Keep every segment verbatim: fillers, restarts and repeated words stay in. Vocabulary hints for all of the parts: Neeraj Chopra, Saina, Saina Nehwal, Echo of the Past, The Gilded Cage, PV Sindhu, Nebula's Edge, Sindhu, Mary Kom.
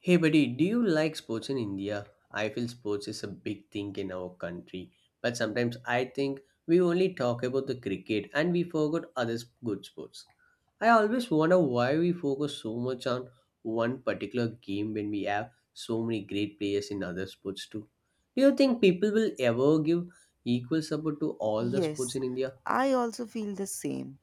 Hey buddy, do you like sports in India? I feel sports is a big thing in our country, but sometimes I think we only talk about the cricket and we forgot other s- good sports. I always wonder why we focus so much on one particular game when we have so many great players in other sports too. Do you think people will ever give equal support to all the sports Yes, in India? I also feel the same.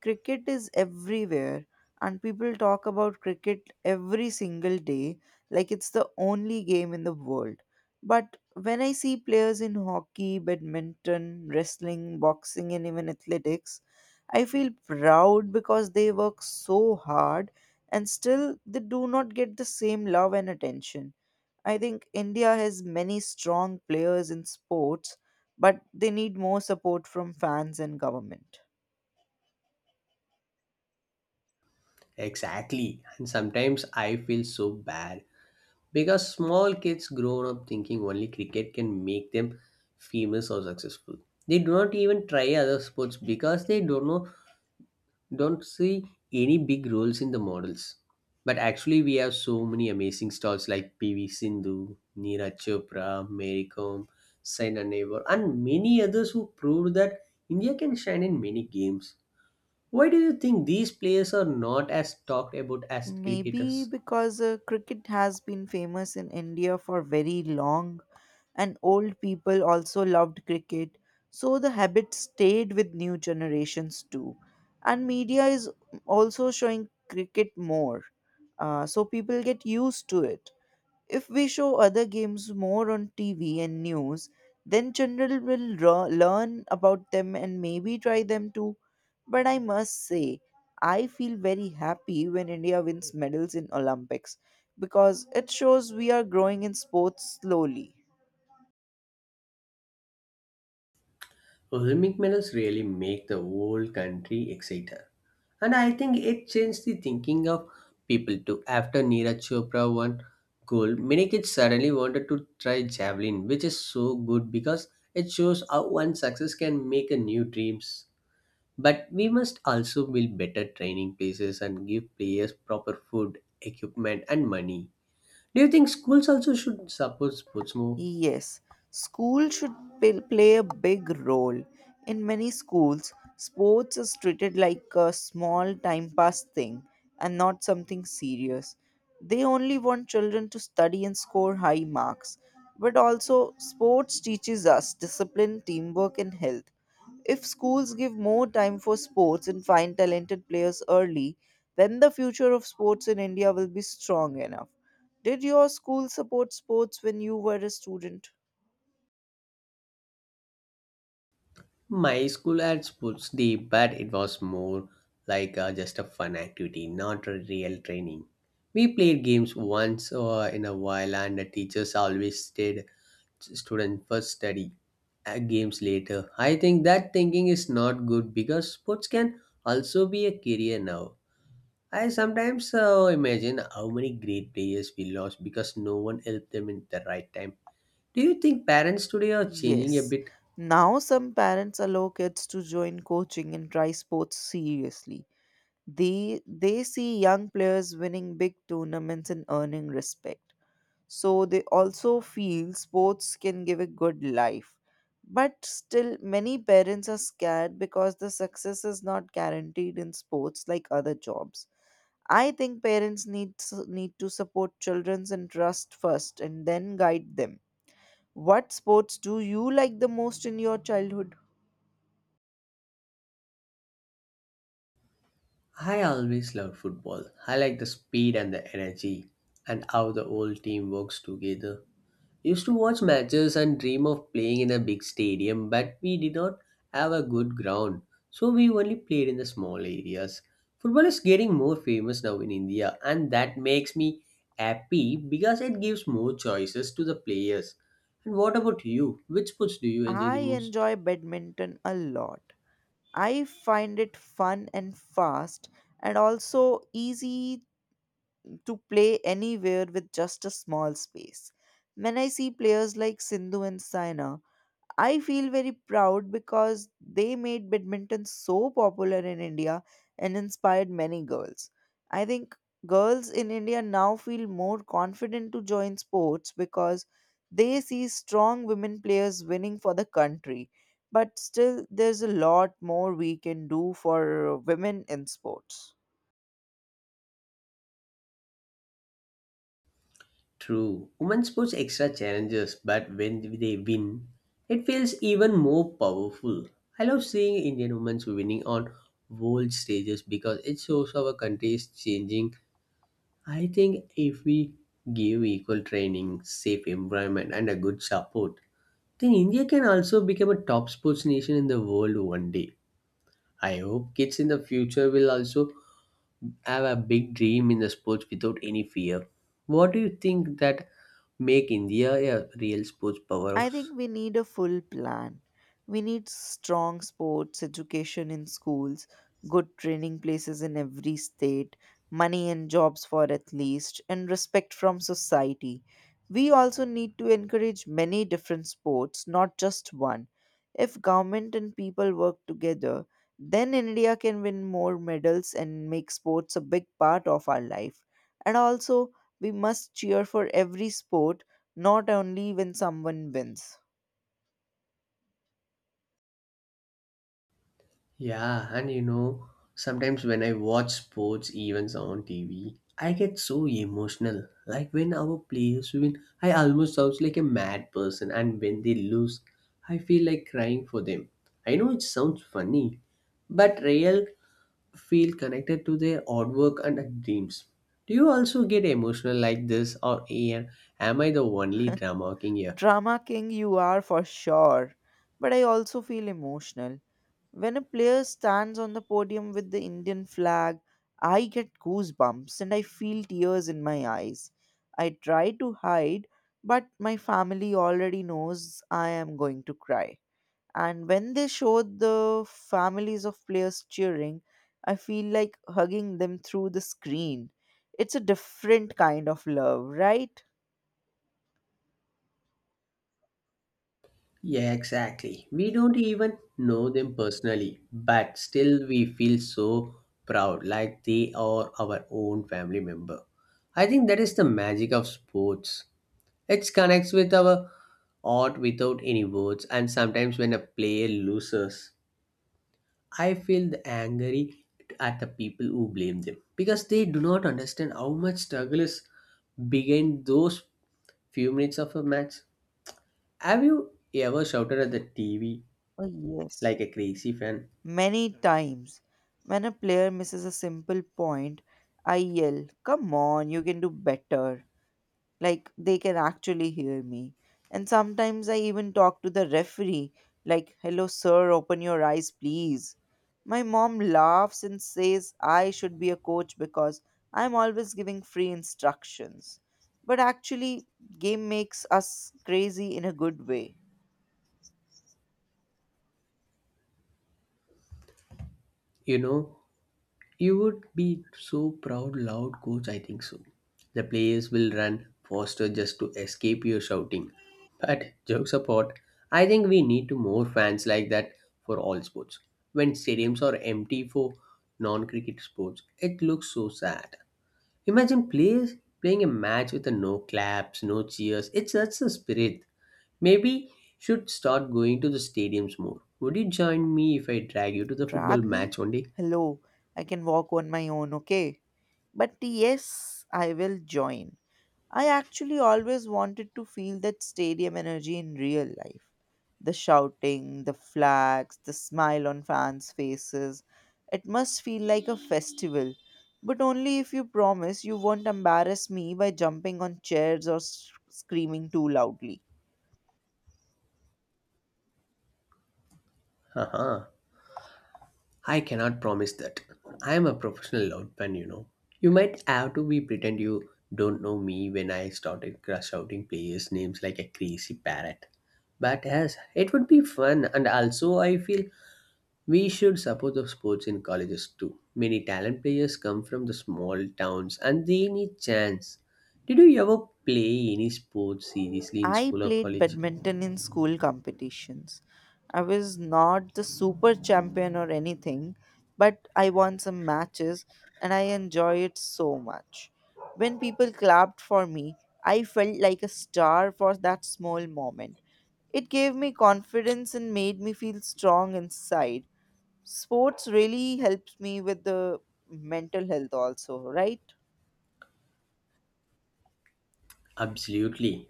Cricket is everywhere, and people talk about cricket every single day like it's the only game in the world. But when I see players in hockey, badminton, wrestling, boxing, and even athletics, I feel proud because they work so hard and still they do not get the same love and attention. I think India has many strong players in sports, but they need more support from fans and government. Exactly, and sometimes I feel so bad because small kids grow up thinking only cricket can make them famous or successful. They do not even try other sports because they don't know don't see any big roles in the models. But actually we have so many amazing stars like PV Sindhu, Neeraj Chopra, Mary Kom, Saina Nehwal, and many others who proved that India can shine in many games. Why do you think these players are not as talked about as cricketers? Maybe because uh, cricket has been famous in India for very long, and old people also loved cricket, so the habit stayed with new generations too. And media is also showing cricket more, uh, so people get used to it. If we show other games more on T V and news, then children will ro- learn about them and maybe try them too. But I must say, I feel very happy when India wins medals in Olympics because it shows we are growing in sports slowly. Olympic medals really make the whole country excited. And I think it changed the thinking of people too. After Neeraj Chopra won gold, many kids suddenly wanted to try javelin, which is so good because it shows how one success can make a new dreams. But we must also build better training places and give players proper food, equipment, and money. Do you think schools also should support sports more? Yes, school should pl- play a big role. In many schools, sports is treated like a small time pass thing and not something serious. They only want children to study and score high marks. But also, sports teaches us discipline, teamwork, and health. If schools give more time for sports and find talented players early, then the future of sports in India will be strong enough. Did your school support sports when you were a student? My school had sports day, but it was more like uh, just a fun activity, not a real training. We played games once uh, in a while, and the teachers always said students first study, uh, games later. I think that thinking is not good because sports can also be a career now. I sometimes uh, imagine how many great players we lost because no one helped them in the right time. Do you think parents today are changing a Yes. bit? Now some parents allow kids to join coaching and try sports seriously. They they see young players winning big tournaments and earning respect, so they also feel sports can give a good life. But still, many parents are scared because the success is not guaranteed in sports like other jobs. I think parents need need to support children's interest first and then guide them. What sports do you like the most in your childhood? I always loved football. I like the speed and the energy and how the whole team works together. Used to watch matches and dream of playing in a big stadium, but we did not have a good ground, so we only played in the small areas. Football is getting more famous now in India, and that makes me happy because it gives more choices to the players. And what about you? Which sports do you enjoy I the most? enjoy badminton a lot. I find it fun and fast and also easy to play anywhere with just a small space. When I see players like Sindhu and Saina, I feel very proud because they made badminton so popular in India and inspired many girls. I think girls in India now feel more confident to join sports because they see strong women players winning for the country. But still, there's a lot more we can do for women in sports. True. Women pose extra challenges, but when they win, it feels even more powerful. I love seeing Indian women winning on world stages because it shows our country is changing. I think if we give equal training, safe environment, and a good support, then India can also become a top sports nation in the world one day. I hope kids in the future will also have a big dream in the sports without any fear. What do you think that make India a real sports I powerhouse? think we need a full plan. We need strong sports education in schools, good training places in every state, money and jobs for athletes, and respect from society. We also need to encourage many different sports, not just one. If government and people work together, then India can win more medals and make sports a big part of our life. And also, we must cheer for every sport, not only when someone wins. Yeah, and you know, sometimes when I watch sports events on T V, I get so emotional. Like when our players win, I almost sounds like a mad person, and when they lose, I feel like crying for them. I know it sounds funny, but real feel connected to their artwork and dreams. Do you also get emotional like this, or am am I the only drama king here? Drama king you are for sure, but I also feel emotional. When a player stands on the podium with the Indian flag, I get goosebumps and I feel tears in my eyes. I try to hide, but my family already knows I am going to cry. And when they show the families of players cheering, I feel like hugging them through the screen. It's a different kind of love, right? Yeah, exactly. We don't even know them personally, but still we feel so proud, like they are our own family member. I think that is the magic of sports. It connects with our art without any words, and sometimes when a player loses, I feel the angry at the people who blame them because they do not understand how much struggle is behind those few minutes of a match. Have you ever shouted at the T V Oh, yes, like a crazy fan? many times. When a player misses a simple point, I yell, "Come on, you can do better." Like they can actually hear me. And sometimes I even talk to the referee, like, "Hello, sir, open your eyes, please." My mom laughs and says I should be a coach because I'm always giving free instructions. But actually, game makes us crazy in a good way. You know, you would be so proud, loud coach. I think so. The players will run faster just to escape your shouting. But jokes apart, I think we need to more fans like that for all sports. When stadiums are empty for non-cricket sports, it looks so sad. Imagine players playing a match with a no claps, no cheers. It's such a spirit. Maybe should start going to the stadiums more. Would you join me if I drag you to the football Drag match me? one day? Hello, I can walk on my own, okay? But yes, I will join. I actually always wanted to feel that stadium energy in real life. The shouting, the flags, the smile on fans' faces. It must feel like a festival. But only if you promise you won't embarrass me by jumping on chairs or s- screaming too loudly. Haha. I cannot promise that. I am a professional loudman, you know. You might have to be pretend you don't know me when I started cr- shouting players' names like a crazy parrot. But yes, it would be fun, and also I feel we should support the sports in colleges too. Many talent players come from the small towns, and they need chance. Did you ever play any sports seriously in I school or played college? badminton in school competitions. I was not the super champion or anything, but I won some matches and I enjoy it so much. When people clapped for me, I felt like a star for that small moment. It gave me confidence and made me feel strong inside. Sports really helps me with the mental health also, right? Absolutely.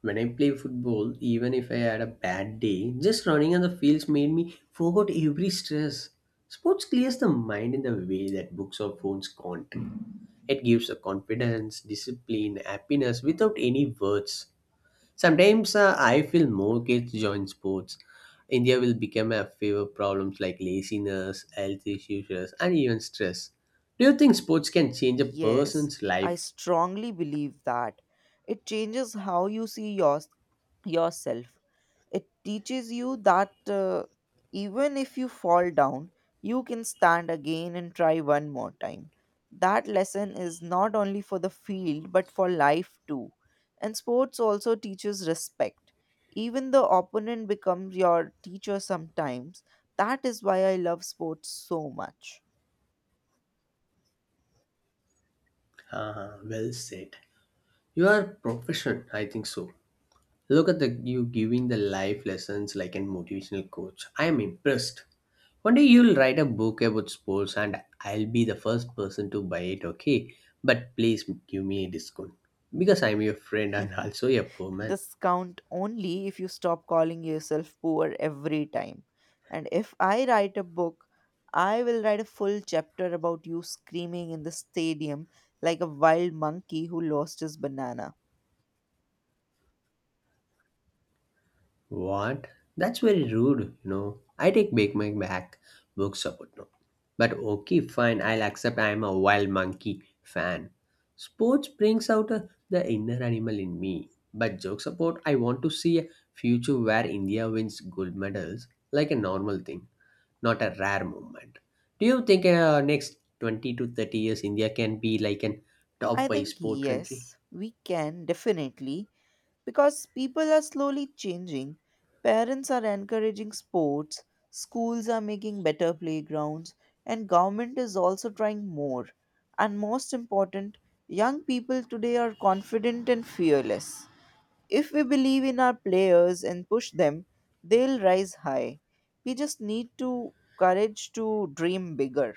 When I play football, even if I had a bad day, just running on the fields made me forget every stress. Sports clears the mind in the way that books or phones can't. It gives a confidence, discipline, happiness without any words. Sometimes uh, I feel more kids join sports. India will become a favor problems like laziness, health issues, and even stress. Do you think sports can change a Yes, person's I life? strongly believe that. It changes how you see your, yourself. It teaches you that uh, even if you fall down, you can stand again and try one more time. That lesson is not only for the field but for life too. And sports also teaches respect. Even the opponent becomes your teacher sometimes. That is why I love sports so much. Ah, well said. You are profession, I think so. Look at the you giving the life lessons like an motivational coach. I am impressed. One day you'll write a book about sports and I'll be the first person to buy it, okay? But please give me a discount because I'm your friend and also a poor man. Discount only if you stop calling yourself poor every time. And if I write a book, I will write a full chapter about you screaming in the stadium like a wild monkey who lost his banana. What? That's very rude, you know. I take back my back book support no. But okay, fine, I'll accept I'm a wild monkey fan. Sports brings out uh, the inner animal in me. But joke support, I want to see a future where India wins gold medals like a normal thing, not a rare moment. Do you think uh, next twenty to thirty years India can be like an top I five think, sport country? yes, we can definitely, because people are slowly changing. Parents are encouraging sports, schools are making better playgrounds, and government is also trying more. And most important, young people today are confident and fearless. If we believe in our players and push them, they'll rise high. We just need to courage to dream bigger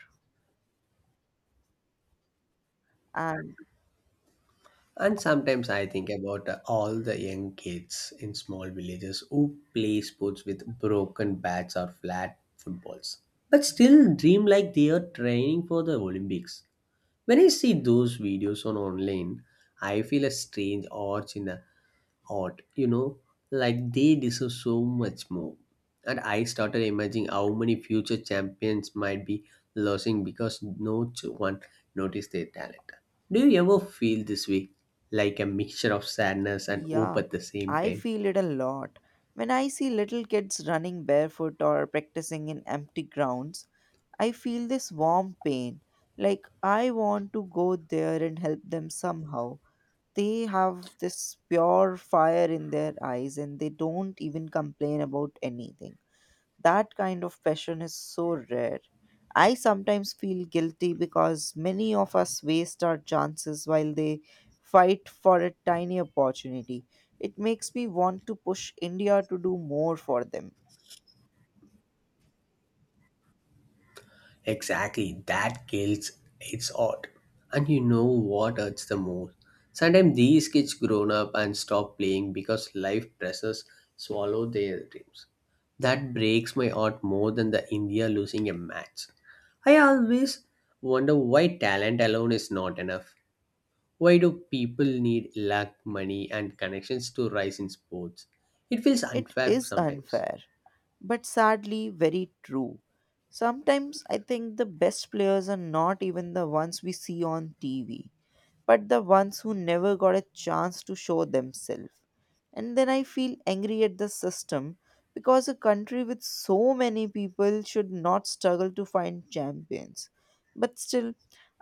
and And sometimes I think about uh, all the young kids in small villages who play sports with broken bats or flat footballs, but still dream like they are training for the Olympics. When I see those videos on online, I feel a strange urge in hot, you know, like they deserve so much more. And I started imagining how many future champions might be losing because no ch- one noticed their talent. Do you ever feel this way, like a mixture of sadness and hope Yeah, at the same I time? feel it a lot. When I see little kids running barefoot or practicing in empty grounds, I feel this warm pain. Like I want to go there and help them somehow. They have this pure fire in their eyes and they don't even complain about anything. That kind of passion is so rare. I sometimes feel guilty because many of us waste our chances while they fight for a tiny opportunity. It makes me want to push India to do more for them. Exactly, that guilt, it's odd. And you know what hurts the most? Sometimes these kids grown up and stop playing because life pressures swallow their dreams. That breaks my heart more than the India losing a match. I always wonder why talent alone is not enough. Why do people need luck, money, and connections to rise in sports? It feels It unfair is sometimes. unfair but sadly very true. Sometimes I think the best players are not even the ones we see on T V, but the ones who never got a chance to show themselves. And then I feel angry at the system because a country with so many people should not struggle to find champions. But still,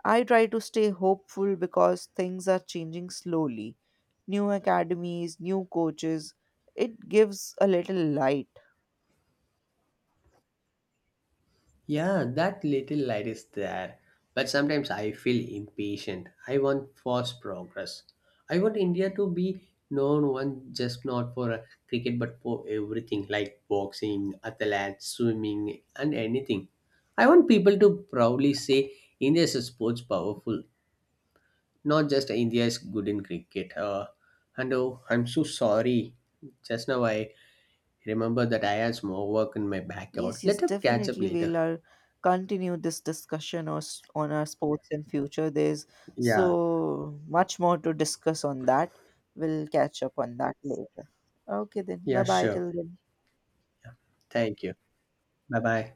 I try to stay hopeful because things are changing slowly. New academies, new coaches, it gives a little light. Yeah, that little light is there. But sometimes I feel impatient. I want fast progress. I want India to be known one just not for uh, cricket but for everything like boxing, athletics, swimming, and anything. I want people to proudly say India is a sports powerful, not just India is good in cricket. Uh, and Oh, I'm so sorry. Just now I remember that I had some more work in my backyard. Yes, yes, Let us catch up definitely. We'll later. uh, continue this discussion or s- on our sports in future. There's Yeah, so much more to discuss on that. We'll catch up on that later. Okay, then. Bye yeah, bye sure. till then. Thank you. Bye bye.